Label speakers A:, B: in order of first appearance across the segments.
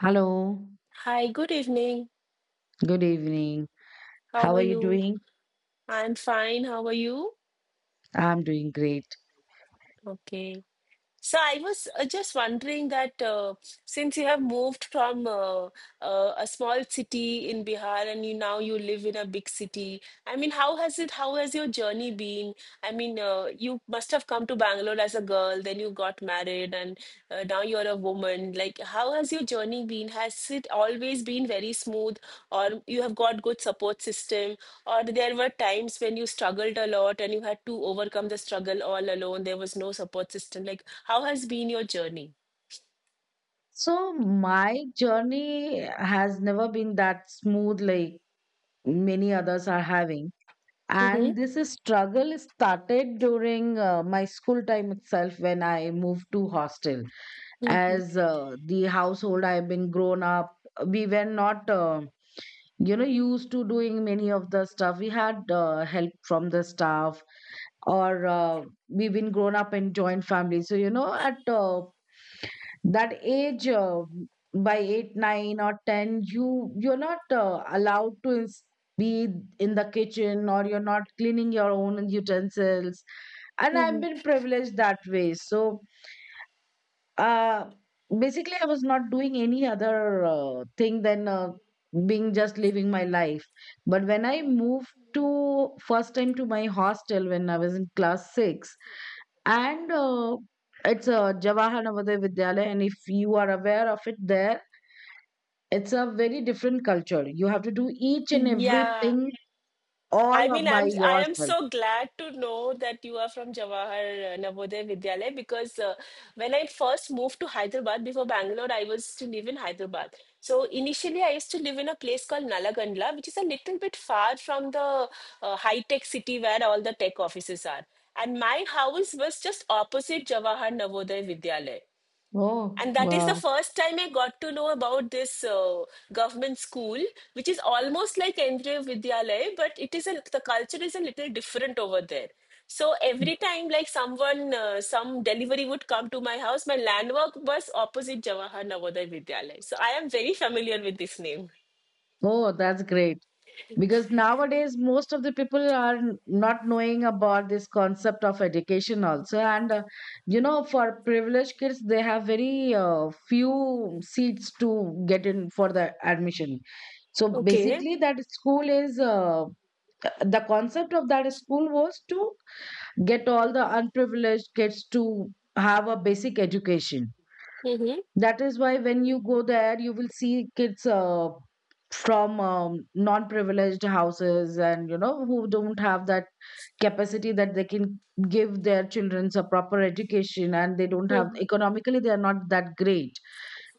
A: Hello,
B: Hi, good evening.
A: good evening.
B: How
A: How
B: are
A: are you
B: you?
A: doing?
B: I'm fine. How are you?
A: I'm doing great.
B: Okay. So I was Just wondering that since you have moved from a small city in Bihar and you now you live in a big city, I mean, how has your journey been? I mean, you must have come to Bangalore as a girl, then you got married, and now you're a woman. Like, how has your journey been? Has it always been very smooth, or you have got good support system? Or there were times when you struggled a lot and you had to overcome the struggle all alone. There was no support system. Like, how has been your journey?
A: So, my journey has never been that smooth like many others are having.
B: Mm-hmm.
A: And this is struggle started during my school time itself when I moved to hostel.
B: Mm-hmm.
A: As the household I've been grown up, we were not, used to doing many of the stuff. We had help from the staff, or we've been grown up in joint family. So, at that age, by eight, nine, or ten, you're not allowed to be in the kitchen, or you're not cleaning your own utensils. And I've
B: Mm-hmm.
A: been privileged that way. So uh, basically, I was not doing any other thing than being just living my life. But when I moved to first time to my hostel when I was in class 6, and it's a Jawahar Navodaya Vidyalaya, and if you are aware of it, there it's a very different culture. You have to do each and
B: Yeah.
A: everything all
B: I mean,
A: by
B: I am
A: yourself.
B: so glad to know that you are from Jawahar Navodaya Vidyalaya because when I first moved to Hyderabad before Bangalore, I was to live in Hyderabad. So initially, I used to live in a place called Nalagandla, which is a little bit far from the high-tech city where all the tech offices are. And my house was just opposite Jawahar Navodaya Vidyalaya.
A: Oh
B: And that is the
A: wow!
B: first time I got to know about this government school, which is almost like Kendriya Vidyalaya, but the culture is a little different over there. So every time, like someone, some delivery would come to my house, my landmark was opposite Jawahar Navodaya Vidyalaya. So I am very familiar with this name.
A: Oh, that's great. Because nowadays most of the people are not knowing about this concept of education also, and you know, for privileged kids they have very few seats to get in for the admission. So
B: Okay.
A: basically, that school is, the concept of that school was to get all the unprivileged kids to have a basic education.
B: Mm-hmm.
A: That is why when you go there, you will see kids from non-privileged houses, and you know, who don't have that capacity that they can give their children a proper education, and they don't have,
B: Mm-hmm.
A: economically they are not that great.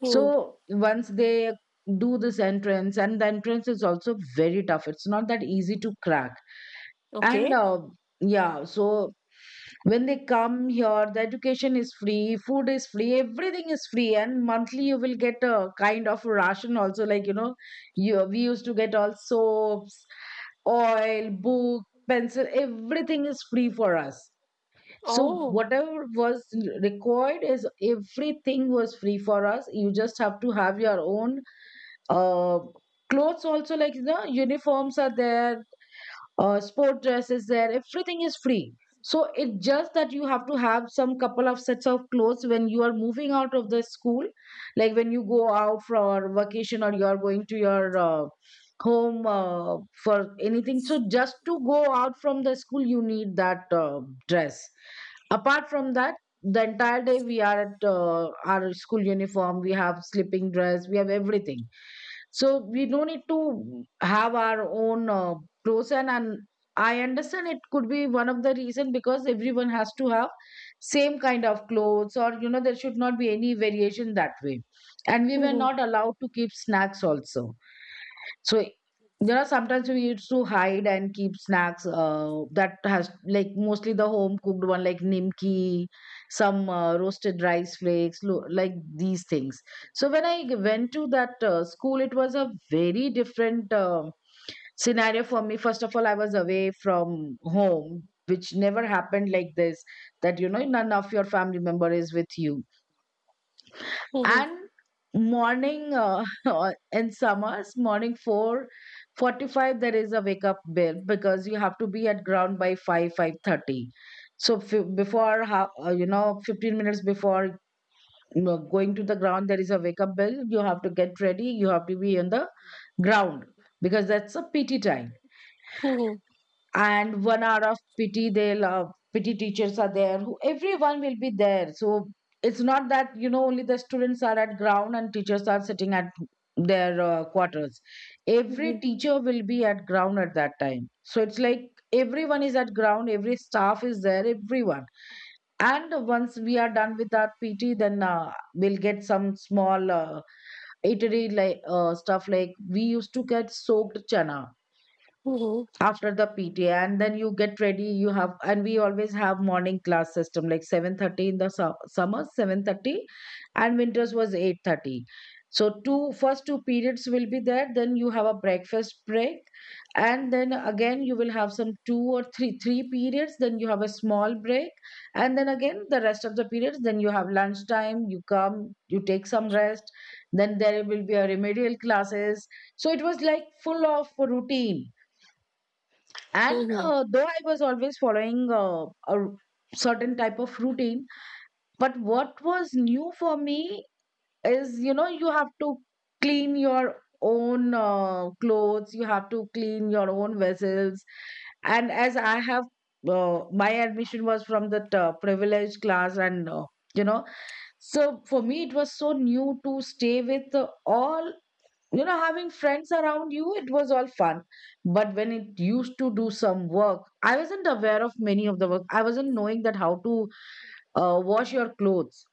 B: Hmm.
A: So once they do this entrance, and the entrance is also very tough. It's not that easy to crack. And
B: Okay.
A: uh, yeah, so when they come here, the education is free, food is free, everything is free, and monthly you will get a kind of ration also, like, you know, you we used to get all soaps, oil, book, pencil, everything is free for us. So
B: Oh.
A: whatever was required is, everything was free for us. You just have to have your own uh clothes also, like, you know, uniforms are there, sport dresses there, everything is free. So it's just that you have to have some couple of sets of clothes when you are moving out of the school, like when you go out for vacation, or you are going to your home, for anything. So just to go out from the school, you need that dress. Apart from that, the entire day we are at our school uniform, we have sleeping dress, we have everything. So we don't need to have our own pros, and I understand it could be one of the reason, because everyone has to have same kind of clothes, or, you know, there should not be any variation that way. And we were
B: Mm-hmm.
A: not allowed to keep snacks also. So there are sometimes we used to hide and keep snacks, that has like mostly the home cooked one, like nimki, some roasted rice flakes, like these things. So when I went to that school, it was a very different scenario for me. First of all, I was away from home, which never happened like this. That, you know, none of your family member is with you,
B: Mm-hmm.
A: and morning in summers, morning 4:45, there is a wake up bell, because you have to be at ground by 5 5:30. So before you know, 15 minutes before, you know, going to the ground, there is a wake up bell. You have to get ready, you have to be on the ground, because that's a PT time.
B: Mm-hmm.
A: And 1 hour of PT, they'll PT teachers are there, who, everyone will be there. So it's not that, you know, only the students are at ground and teachers are sitting at their quarters. Every teacher will be at ground at that time. So it's like everyone is at ground, every staff is there, everyone. And once we are done with that PT, then we'll get some small eatery like stuff, like we used to get soaked chana
B: Mm-hmm.
A: after the PTA. And then you get ready, you have and we always have morning class system, like 7:30 in the summer 7:30, and winters was 8:30. So two first two periods will be there, then you have a breakfast break. And then again you will have some two or three periods, then you have a small break. And then again the rest of the periods, then you have lunchtime, you come, you take some rest, then there will be a remedial classes. So it was like full of routine. and
B: Mm-hmm.
A: uh, though I was always following a certain type of routine, but what was new for me is, you know, you have to clean your own clothes, you have to clean your own vessels. And as I have, my admission was from the privileged class, and you know so for me it was so new to stay with all, you know, having friends around you, it was all fun. But when it used to do some work, I wasn't aware of many of the work, I wasn't knowing that how to wash your clothes.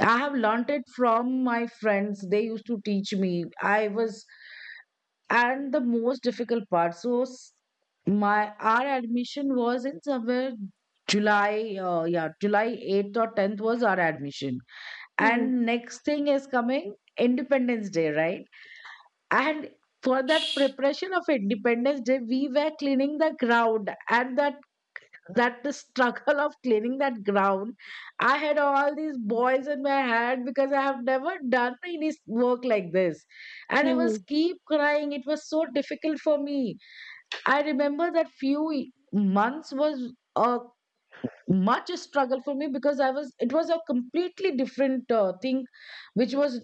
A: I have learnt it from my friends, they used to teach me. I was and the most difficult part, so s- my our admission was in somewhere July, yeah July 8th or 10th was our admission.
B: Mm-hmm.
A: And next thing is coming, Independence Day, right? And for that preparation of Independence Day, we were cleaning the ground, and that that the struggle of cleaning that ground. I had all these boys in my hand, because I have never done any work like this, and I was
B: Mm-hmm.
A: keep crying. It was so difficult for me. I remember that few months was a much a struggle for me, because I was it was a completely different thing, which was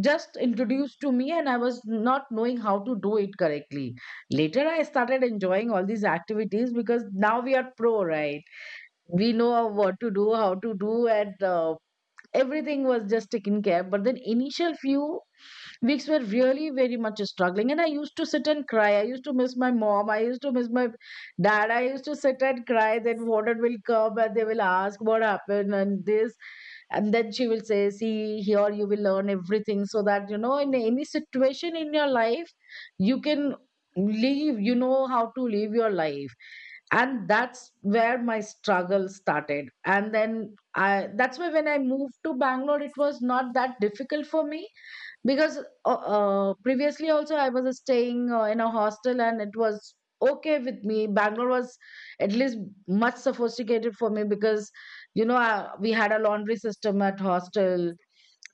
A: just introduced to me, and I was not knowing how to do it correctly. Later I started enjoying all these activities, because now we are pro, right? We know of what to do, how to do, and everything was just taken care. But then initial few weeks were really very much struggling, and I used to sit and cry, I used to miss my mom, I used to miss my dad, I used to sit and cry, then water will come and they will ask what happened and this, and then she will say, see, here you will learn everything, so that, you know, in any situation in your life, you can live, you know how to live your life. And that's where my struggle started, and then I that's why when I moved to Bangalore, it was not that difficult for me, because previously also I was staying in a hostel, and it was okay with me. Bangalore was at least much sophisticated for me, because, we had a laundry system at hostel.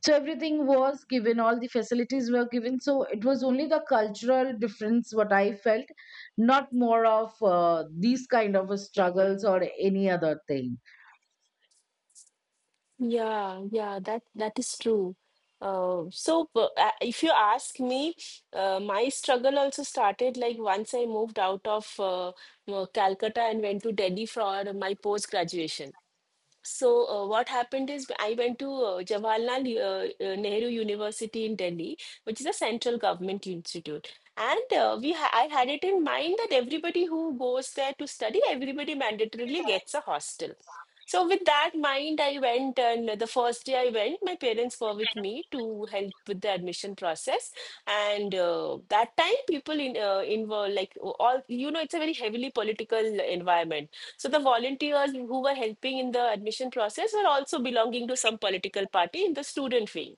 A: So everything was given, all the facilities were given, so it was only the cultural difference what I felt, not more of these kind of struggles or any other thing.
B: Yeah, yeah, that is true. If you ask me, my struggle also started like once I moved out of Calcutta and went to Delhi for my post graduation. So, what happened is I went to Jawaharlal Nehru University in Delhi, which is a central government institute. And we ha I had it in mind that everybody who goes there to study, everybody mandatorily gets a hostel. So with that mind, I went, and the first day I went, my parents were with me to help with the admission process. And that time, people in involved like all you know, it's a very heavily political environment. So the volunteers who were helping in the admission process were also belonging to some political party in the student wing.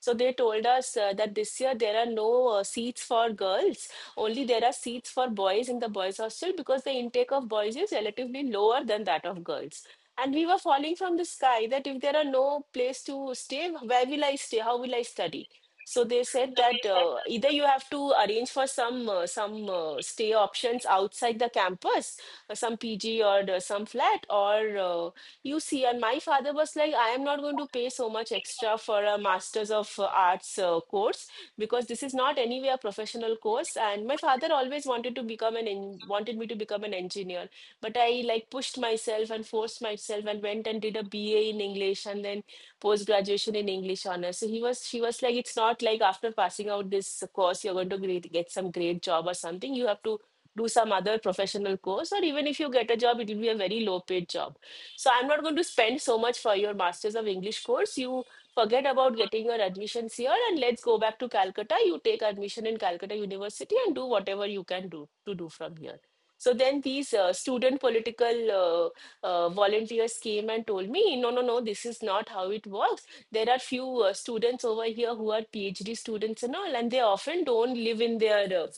B: So they told us that this year there are no seats for girls, only there are seats for boys in the boys' hostel because the intake of boys is relatively lower than that of girls. And we were falling from the sky that if there are no place to stay, where will I stay? How will I study? So they said that either you have to arrange for some stay options outside the campus, some PG or some flat, or you see. And my father was like, I am not going to pay so much extra for a Masters of Arts course because this is not anyway a professional course. And my father always wanted to wanted me to become an engineer, but I like pushed myself and forced myself and went and did a BA in English and then post graduation in English honors. So he was she was like, it's not like after passing out this course you're going to get some great job or something. You have to do some other professional course, or even if you get a job, it will be a very low paid job. So I'm not going to spend so much for your masters of English course. You forget about getting your admissions here and let's go back to Calcutta. You take admission in Calcutta University and do whatever you can do to do from here. So then these student political volunteers came and told me, no, no, no, this is not how it works. There are few students over here who are PhD students and all, and they often don't live in their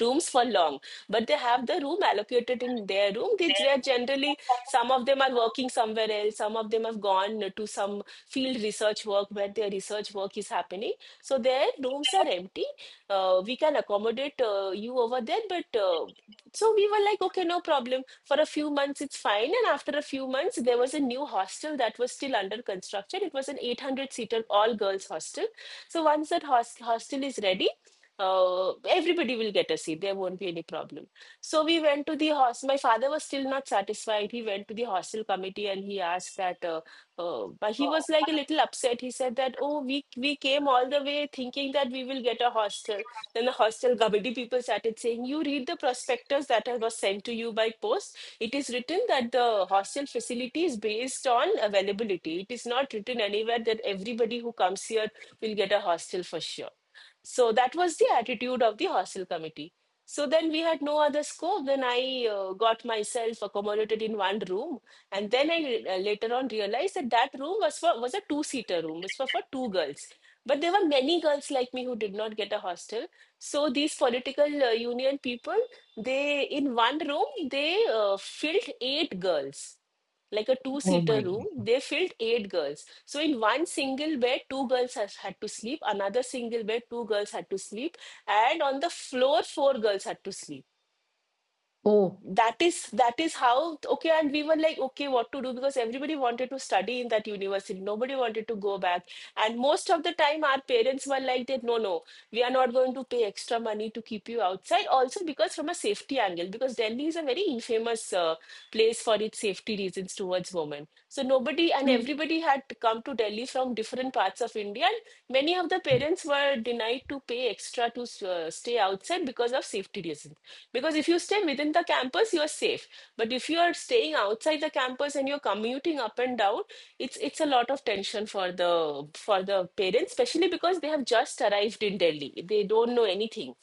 B: rooms for long, but they have the room allocated in their room. They are generally, some of them are working somewhere else, some of them have gone to some field research work where their research work is happening, so their rooms are empty. We can accommodate you over there but so we were like, okay, no problem. For a few months, it's fine. And after a few months, there was a new hostel that was still under construction. It was an 800 seater all girls hostel. So once that hostel is ready, everybody will get a seat. There won't be any problem. So we went to the hostel. My father was still not satisfied. He went to the hostel committee and he asked that, but he was like a little upset. He said that, oh, we came all the way thinking that we will get a hostel. Then the hostel Gabadi people started saying, you read the prospectus that was sent to you by post. It is written that the hostel facility is based on availability. It is not written anywhere that everybody who comes here will get a hostel for sure. So that was the attitude of the hostel committee. So then we had no other scope. Then I got myself accommodated in one room, and then I later on realized that that room was a two seater room. It was for two girls, but there were many girls like me who did not get a hostel. So these political union people, they in one room they filled eight girls, like a
A: Oh
B: two-seater
A: my
B: room.
A: God.
B: They filled eight girls. So in one single bed, had to sleep. Another single bed, two girls had to sleep, and on the floor, four girls had to sleep.
A: Oh.
B: That is how, okay, and we were like okay what to do, because everybody wanted to study in that university, nobody wanted to go back. And most of the time our parents were like that, no, no, we are not going to pay extra money to keep you outside also, because from a safety angle, because Delhi is a very infamous place for its safety reasons towards women. So nobody and
A: True.
B: everybody had come to Delhi from different parts of India, and many of the parents were denied to pay extra to stay outside because of safety reasons. Because if you stay within the campus, you are safe. But if you are staying outside the campus and you're commuting up and down, it's a lot of tension for the parents, especially because they have just arrived in Delhi. They don't know anything.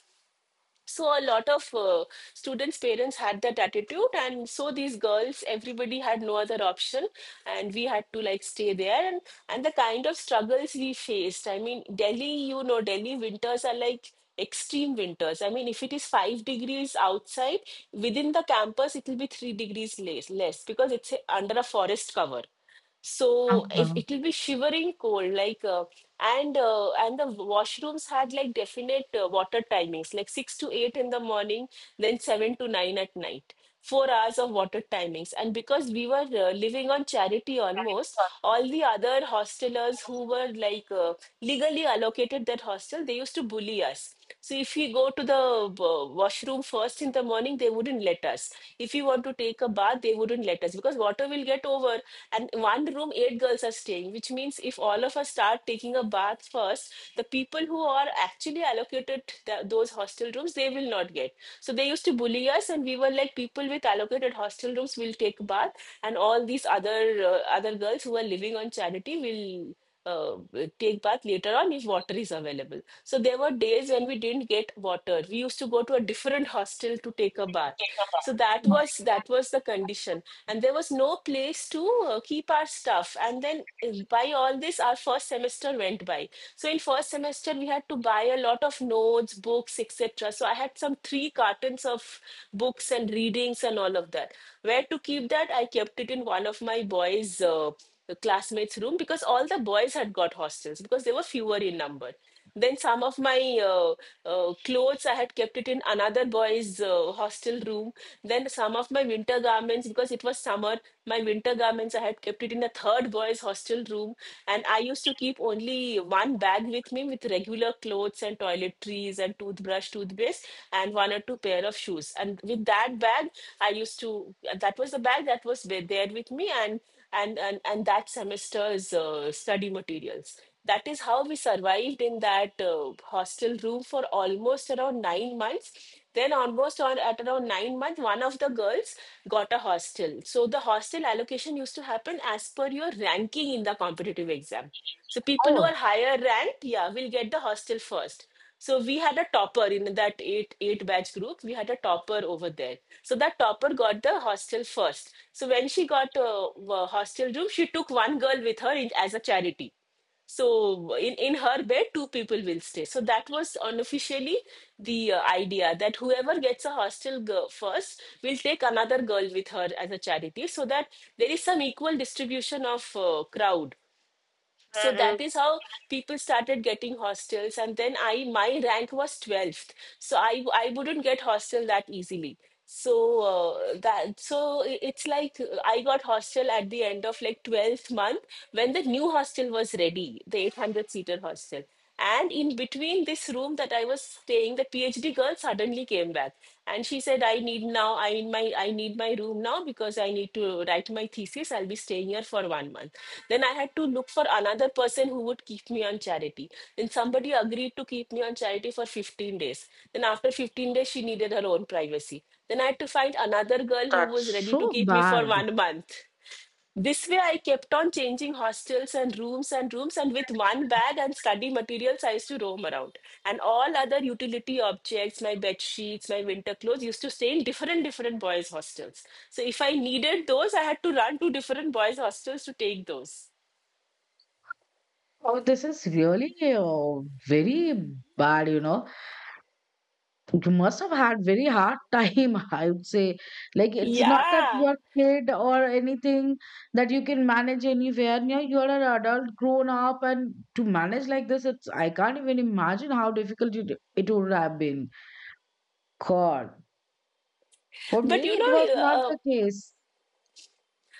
B: So a lot of students' parents had that attitude, and so these girls, everybody had no other option, and we had to like stay there. And the kind of struggles we faced. I mean, Delhi, you know, Delhi winters are like extreme winters. I mean, if it is 5 degrees outside, within the campus it will be 3 degrees less because it's under a forest cover. So if it will be shivering cold like and the washrooms had like definite water timings, like 6 to 8 in the morning, then 7 to 9 at night. 4 hours of water timings. And because we were living on charity, almost
A: Uh-huh.
B: all the other hostelers who were like legally allocated that hostel, they used to bully us. So if we go to the washroom first in the morning, they wouldn't let us. If we want to take a bath, they wouldn't let us because water will get over. And one room eight girls are staying, which means if all of us start taking a bath first, the people who are actually allocated those hostel rooms, they will not get. So they used to bully us, and we were like, people with allocated hostel rooms will take bath, and all these other other girls who are living on charity will uh, take bath later on if water is available. So there were days when we didn't get water. We used to go to a different hostel to take a bath. So that was the condition, and there was no place to keep our stuff. And then by all this, our first semester went by. So in first semester, we had to buy a lot of notes, books, etc. So I had some three cartons of books and readings and all of that. Where to keep that? I kept it in one of my boys' the classmates' room because all the boys had got hostels because they were fewer in number. Then some of my clothes I had kept it in another boy's hostel room. Then some of my winter garments because it was summer, my winter garments I had kept it in a third boy's hostel room. And I used to keep only one bag with me with regular clothes and toiletries and toothbrush, toothpaste, and one or two pair of shoes. And with that bag, I used to that was the bag that was there with me and that semester's study materials. That is how we survived in that hostel room for almost around 9 months. Then, almost on at around 9 months, one of the girls got a hostel. So the hostel allocation used to happen as per your ranking in the competitive exam. So people who are
A: Oh,
B: higher ranked, yeah, will get the hostel first. So we had a topper in that eight batch group. We had a topper over there. So that topper got the hostel first. So when she got a hostel room, she took one girl with her in, as a charity. So in her bed, two people will stay. So that was unofficially the idea that whoever gets a hostel girl first will take another girl with her as a charity, so that there is some equal distribution of crowd, so
A: mm-mm,
B: that is how people started getting hostels. And then I my rank was 12th, so I wouldn't get hostel that easily. So that so it's like I got hostel at the end of like 12th month when the new hostel was ready, the 800 seater hostel. And in between this room that I was staying, the PhD girl suddenly came back and she said, I need now, I need my room now because I need to write my thesis. I'll be staying here for 1 month. Then I had to look for another person who would keep me on charity. Then somebody agreed to keep me on charity for 15 days. Then after 15 days, she needed her own privacy. Then I had to find another girl who
A: that's
B: was ready to
A: so
B: keep me for
A: bad.
B: 1 month. This way, I kept on changing hostels and rooms, and with one bag and study materials, I used to roam around. And all other utility objects, my bed sheets, my winter clothes, used to stay in different, different boys' hostels. So if I needed those, I had to run to different boys' hostels to take those.
A: Oh, this is really very bad, you know. You must have had very hard time, I would say. Like, it's not that
B: Yeah.
A: you're kid or anything, that you can manage anywhere. You know, you're an adult, grown up, and to manage like this, it's I can't even imagine how difficult it would have been. God, for
B: But
A: me,
B: you
A: it
B: know,
A: was not
B: uh,
A: the case.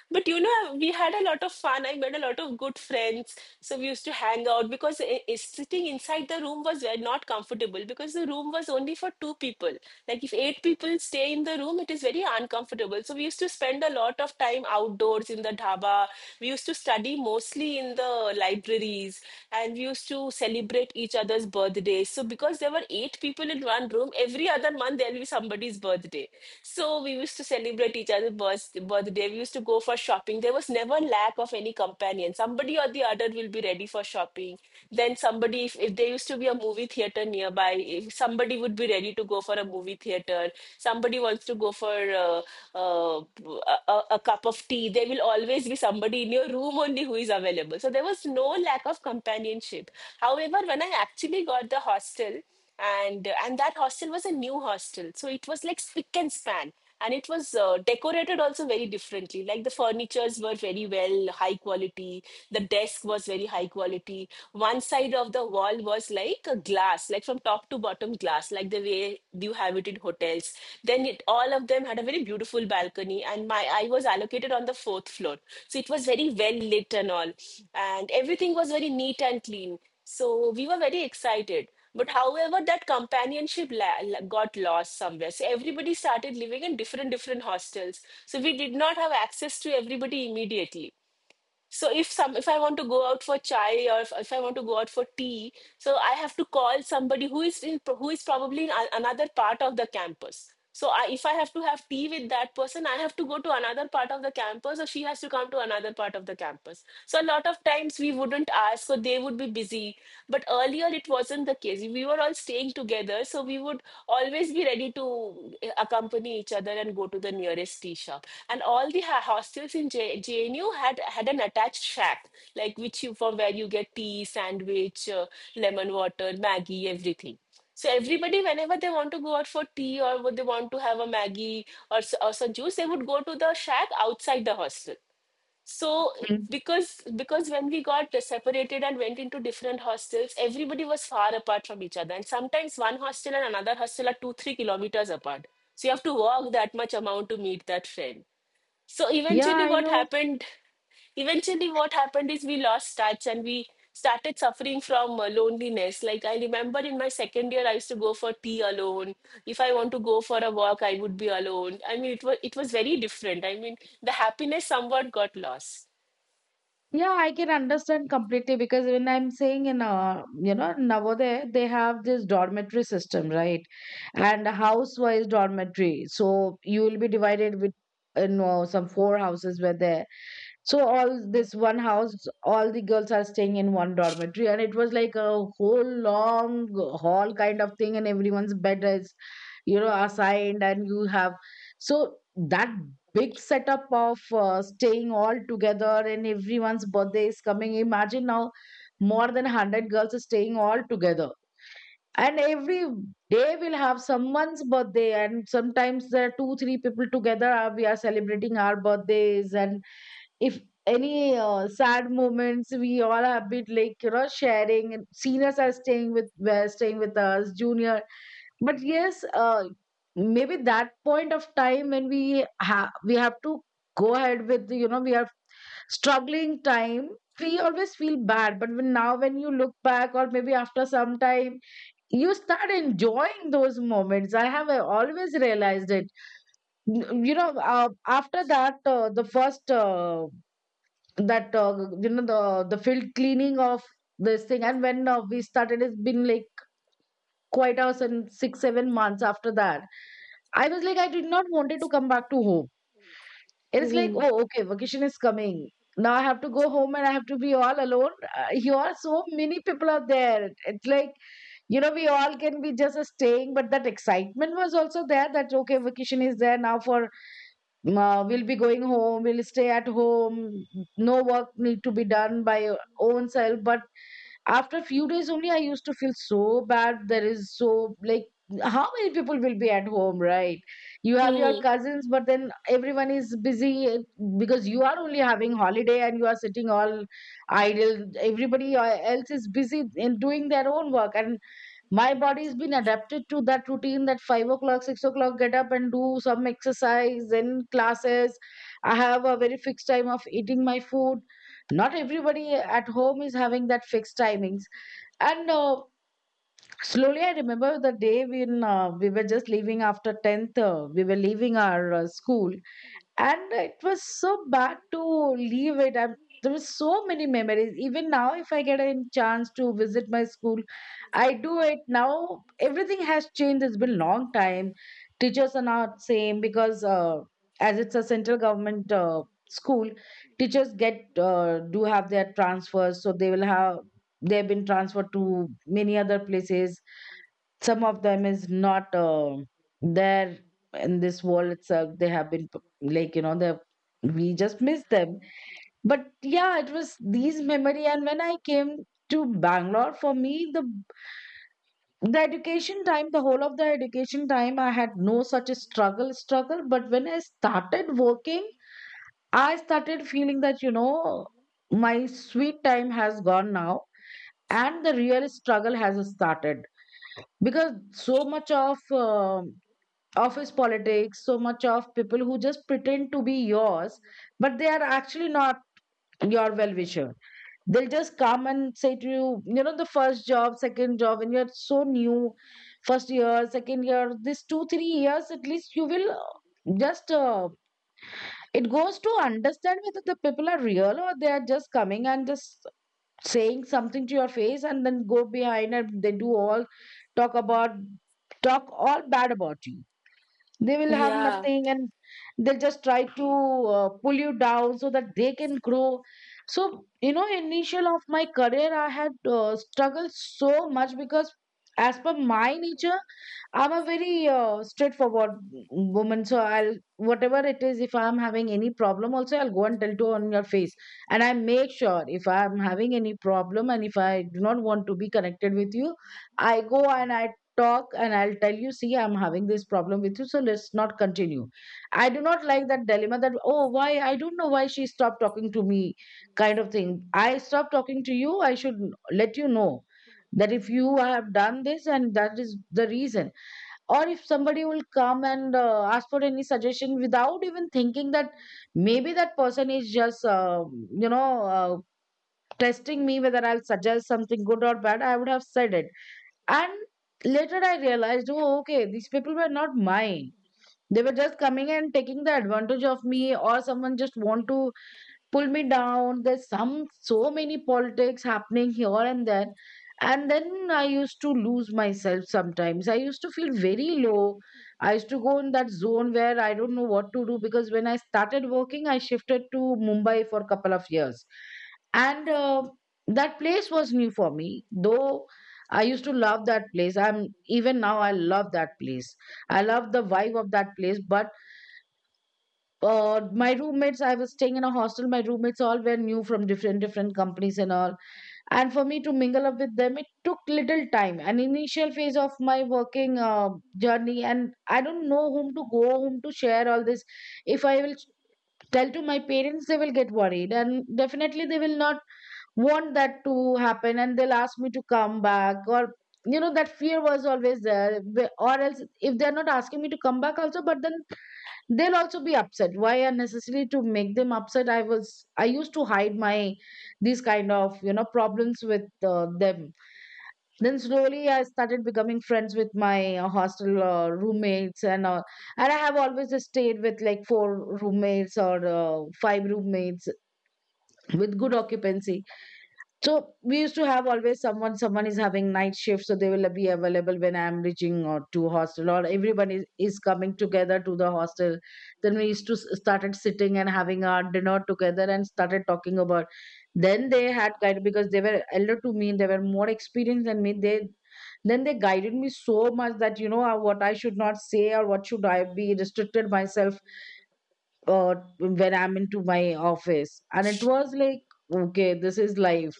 B: But you know, we had a lot of fun. I made a lot of good friends. So we used to hang out because sitting inside the room was not comfortable because the room was only for two people. Like if eight people stay in the room, it is very uncomfortable. So we used to spend a lot of time outdoors in the dhaba. We used to study mostly in the libraries, and we used to celebrate each other's birthdays. So because there were eight people in one room, every other month there'll be somebody's birthday. So we used to celebrate each other's birthday. We used to go for shopping. There was never lack of any companion. Somebody or the other will be ready for shopping. Then somebody, if there used to be a movie theater nearby, if somebody would be ready to go for a movie theater. Somebody wants to go for uh, uh, a cup of tea. There will always be somebody in your room only who is available. So there was no lack of companionship. However, when I actually got the hostel, and that hostel was a new hostel, so it was like spick and span, and it was decorated also very differently. Like the furnitures were very well high quality, the desk was very high quality, one side of the wall was like a glass, like from top to bottom glass, like the way you have it in hotels. Then it all of them had a very beautiful balcony, and my I was allocated on the fourth floor, so it was very well lit and all, and everything was very neat and clean. So we were very excited, but however, that companionship got lost somewhere. So everybody started living in different different hostels. So we did not have access to everybody immediately. So if I want to go out for chai, or if I want to go out for tea, so I have to call somebody who is probably in another part of the campus. So if I have to have tea with that person, I have to go to another part of the campus, or she has to come to another part of the campus. So a lot of times we wouldn't ask, so they would be busy. But earlier it wasn't the case, we were all staying together, so we would always be ready to accompany each other and go to the nearest tea shop. And all the hostels in JNU had an attached shack, like which you from where you get tea, sandwich, lemon water, Maggie, everything. So everybody, whenever they want to go out for tea or would they want to have a Maggie or or some juice, they would go to the shack outside the hostel. So
A: Mhm.
B: because when we got separated and went into different hostels, everybody was far apart from each other, and sometimes one hostel and another hostel are 2 3 kilometers apart. So you have to walk that much amount to meet that friend. So
A: Yeah, I know.
B: eventually what happened is we lost touch, and we started suffering from loneliness. Like I remember in my second year, I used to go for tea alone. If I want to go for a walk, I would be alone. I mean, it was very different, I mean, the happiness somewhat got lost.
A: Yeah, I can understand completely, because when I'm saying in, Navodaya, they have this dormitory system, right? And house-wise dormitory. So you will be divided with, some four houses were there. So all this one house, all the girls are staying in one dormitory, and it was like a whole long hall kind of thing, and everyone's bed is, assigned, and you have so that big setup of staying all together, and everyone's birthday is coming. Imagine now, more than 100 girls are staying all together, and every day we'll have someone's birthday, and sometimes there are two, three people together. We are celebrating our birthdays, and if any sad moments, we all have been like sharing, and seniors are staying with were staying with us junior. But yes, maybe that point of time when we have to go ahead with, we are struggling time, we always feel bad. But when, now when you look back, or maybe after some time, you start enjoying those moments. I have always realized it. N- you know uh, After that, the first that you know the field cleaning of this thing. And when we started, it's been like quite hours, and 6 7 months after that I was like I did not wanted to come back to home. And it's like,
B: Mhm.
A: oh okay, vacation is coming. Now I have to go home and I have to be all alone. Here so many people are there, it's like, we all can be just staying. But that excitement was also there that okay, vacation is there now. For We'll be going home, we'll stay at home, no work need to be done by your own self. But after a few days only I used to feel so bad. There is so like, how many people will be at home, right? You have your
B: Hmm.
A: cousins, but then everyone is busy, because you are only having holiday and you are sitting all idle, everybody else is busy in doing their own work. And my body's been adapted to that routine, that 5 o'clock, 6 o'clock get up and do some exercise, then classes. I have a very fixed time of eating my food. Not everybody at home is having that fixed timings. And slowly, I remember the day when we were just leaving after 10th. We were leaving our school, and it was so bad to leave it. I, there were so many memories. Even now if I get a chance to visit my school, I do it now. Everything has changed, it's been long time. Teachers are not same, because as it's a central government school, teachers get do have their transfers, so they will have, they've been transferred to many other places. Some of them is not there in this world itself. They have been p- like you know they We just miss them. But yeah, it was these memory. And when I came to Bangalore, for me the education time, the whole of the education time, I had no such a struggle. But when I started working, I started feeling that, you know, my sweet time has gone now, and the real struggle has started. Because so much of office politics, so much of people who just pretend to be yours, but they are actually not your well wisher. They'll just come and say to you, you know, the first job, second job, when you're so new, first year, second year, this 2, 3 years at least, you will just, it goes to understand whether the people are real, or they are just coming and just saying something to your face and then go behind, and they do all talk about, talk all bad about you. They will have
B: Yeah.
A: nothing, and they'll just try to pull you down so that they can grow. So, you know, initial of my career, I had struggled so much because, as per my nature, I'm a very straightforward woman. So I'll whatever it is. If I'm having any problem, also I'll go and tell to on your face. And I make sure if I'm having any problem and if I do not want to be connected with you, I go and I talk and I'll tell you, see, I'm having this problem with you, so let's not continue. I do not like that dilemma that, oh, why I don't know why she stopped talking to me, kind of thing. I stopped talking to you, I should let you know that if you have done this, and that is the reason. Or if somebody will come and ask for any suggestion without even thinking that maybe that person is just you know uh, testing me whether I'll suggest something good or bad, I would have said it. And later I realized, oh okay, these people were not mine, they were just coming and taking the advantage of me, or someone just want to pull me down. There's some, so many politics happening here and there. And then I used to lose myself, sometimes I used to feel very low. I used to go in that zone where I don't know what to do. Because when I started working, I shifted to Mumbai for a couple of years. And that place was new for me. Though I used to love that place, I'm even now I love that place, I love the vibe of that place. But my roommates, I was staying in a hostel. My roommates all were new, from different different companies and all. And for me to mingle up with them, it took little time, an initial phase of my working journey. And I don't know whom to go, whom to share all this. If I will tell to my parents, they will get worried, and definitely they will not want that to happen, and they'll ask me to come back. Or you know, that fear was always there. Or else if they're not asking me to come back also, but then they'll also be upset. Why unnecessary to make them upset? I was, I used to hide my these kind of, you know, problems with them. Then slowly I started becoming friends with my hostel roommates. And I have always stayed with like four roommates or five roommates, with good occupancy. So we used to have always someone, someone is having night shift, so they will be available when I am reaching or to hostel, or everyone is coming together to the hostel. Then we used to started sitting and having our dinner together and started talking about. Then they had guided, because they were elder to me, they were more experienced than me. They then they guided me so much that, you know, what I should not say or what should I be restricted myself when I'm into my office. And it was like, okay, this is life.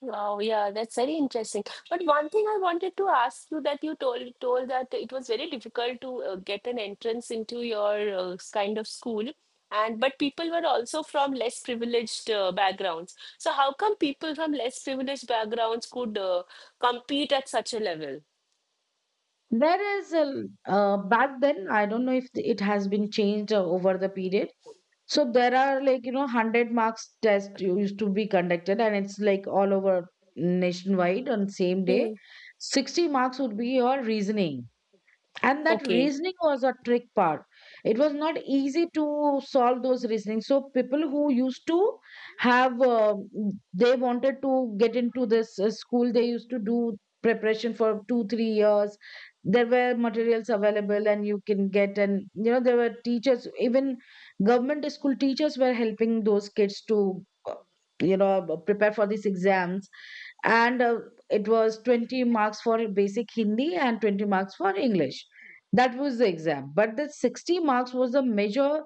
B: Wow. Yeah, that's very interesting. But one thing I wanted to ask you that you told that it was very difficult to get an entrance into your kind of school, and but people were also from less privileged backgrounds. So how come people from less privileged backgrounds could compete at such a level?
A: There is a Back then, I don't know if it has been changed over the period. So there are like, you know, 100 marks test used to be conducted, and it's like all over nationwide on same day.
B: Hmm.
A: 60 marks would be your reasoning, and that
B: Okay.
A: reasoning was a trick part. It was not easy to solve those reasoning. So people who used to have they wanted to get into this school, they used to do preparation for 2 3 years. There were materials available and you can get. And you know, there were teachers, even government school teachers were helping those kids to uh, you know prepare for these exams. And it was 20 marks for basic Hindi and 20 marks for English. That was the exam. But the 60 marks was the major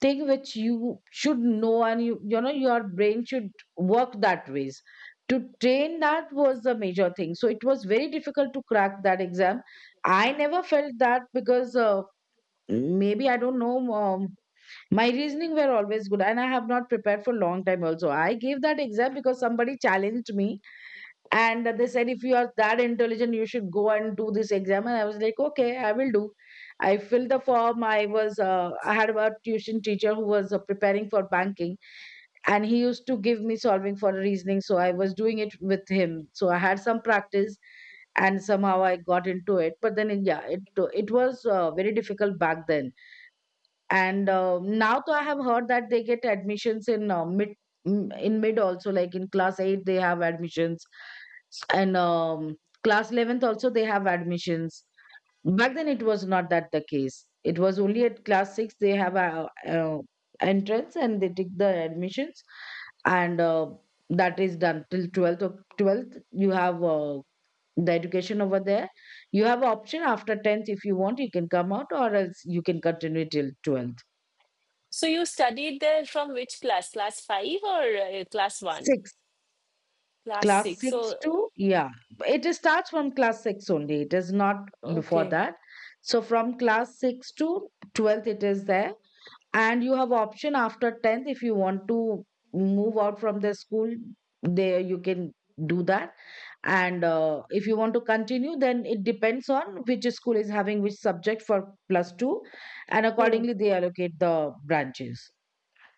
A: thing, which you should know, and you know, your brain should work that ways. To train that was the major thing. So it was very difficult to crack that exam. I never felt that because maybe I don't know, my reasoning were always good, and I have not prepared for long time also. I gave that exam because somebody challenged me, and they said, if you are that intelligent, you should go and do this exam. And I was like, okay, I will do. I filled the form. I was I had a tuition teacher who was preparing for banking, and he used to give me solving for reasoning. So I was doing it with him, so I had some practice, and somehow I got into it. But then yeah, it was very difficult back then. And now, though, I have heard that they get admissions in mid also, like in class 8 they have admissions. And class 11th also they have admissions. Back then it was not that the case, it was only at class 6 they have uh entrance, and they take the admissions. And that is done till 12th. Of 12th you have the education over there. You have option after 10th, if you want you can come out, or else you can continue till 12th.
B: So you studied there from which class? Class five or class one?
A: Six.
B: Class
A: Class
B: six.
A: six
B: So
A: to, yeah. It is starts from class six only. It is not before
B: okay.
A: that. So from class six to 12th, it is there. And you have option after 10th, if you want to move out from the school, there you can do that. And if you want to continue, then it depends on which school is having which subject for plus two. And accordingly, they allocate the branches.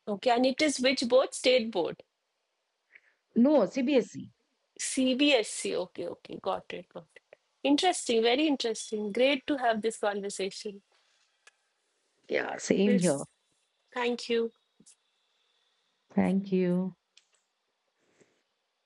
B: Okay, and it is which board? State board.
A: No, CBSE.
B: CBSC. Okay, okay, got it, got it. Interesting, very interesting. Great to have this conversation.
A: Yeah,
B: We'll,
A: same here.
B: s- thank you.
A: Thank you.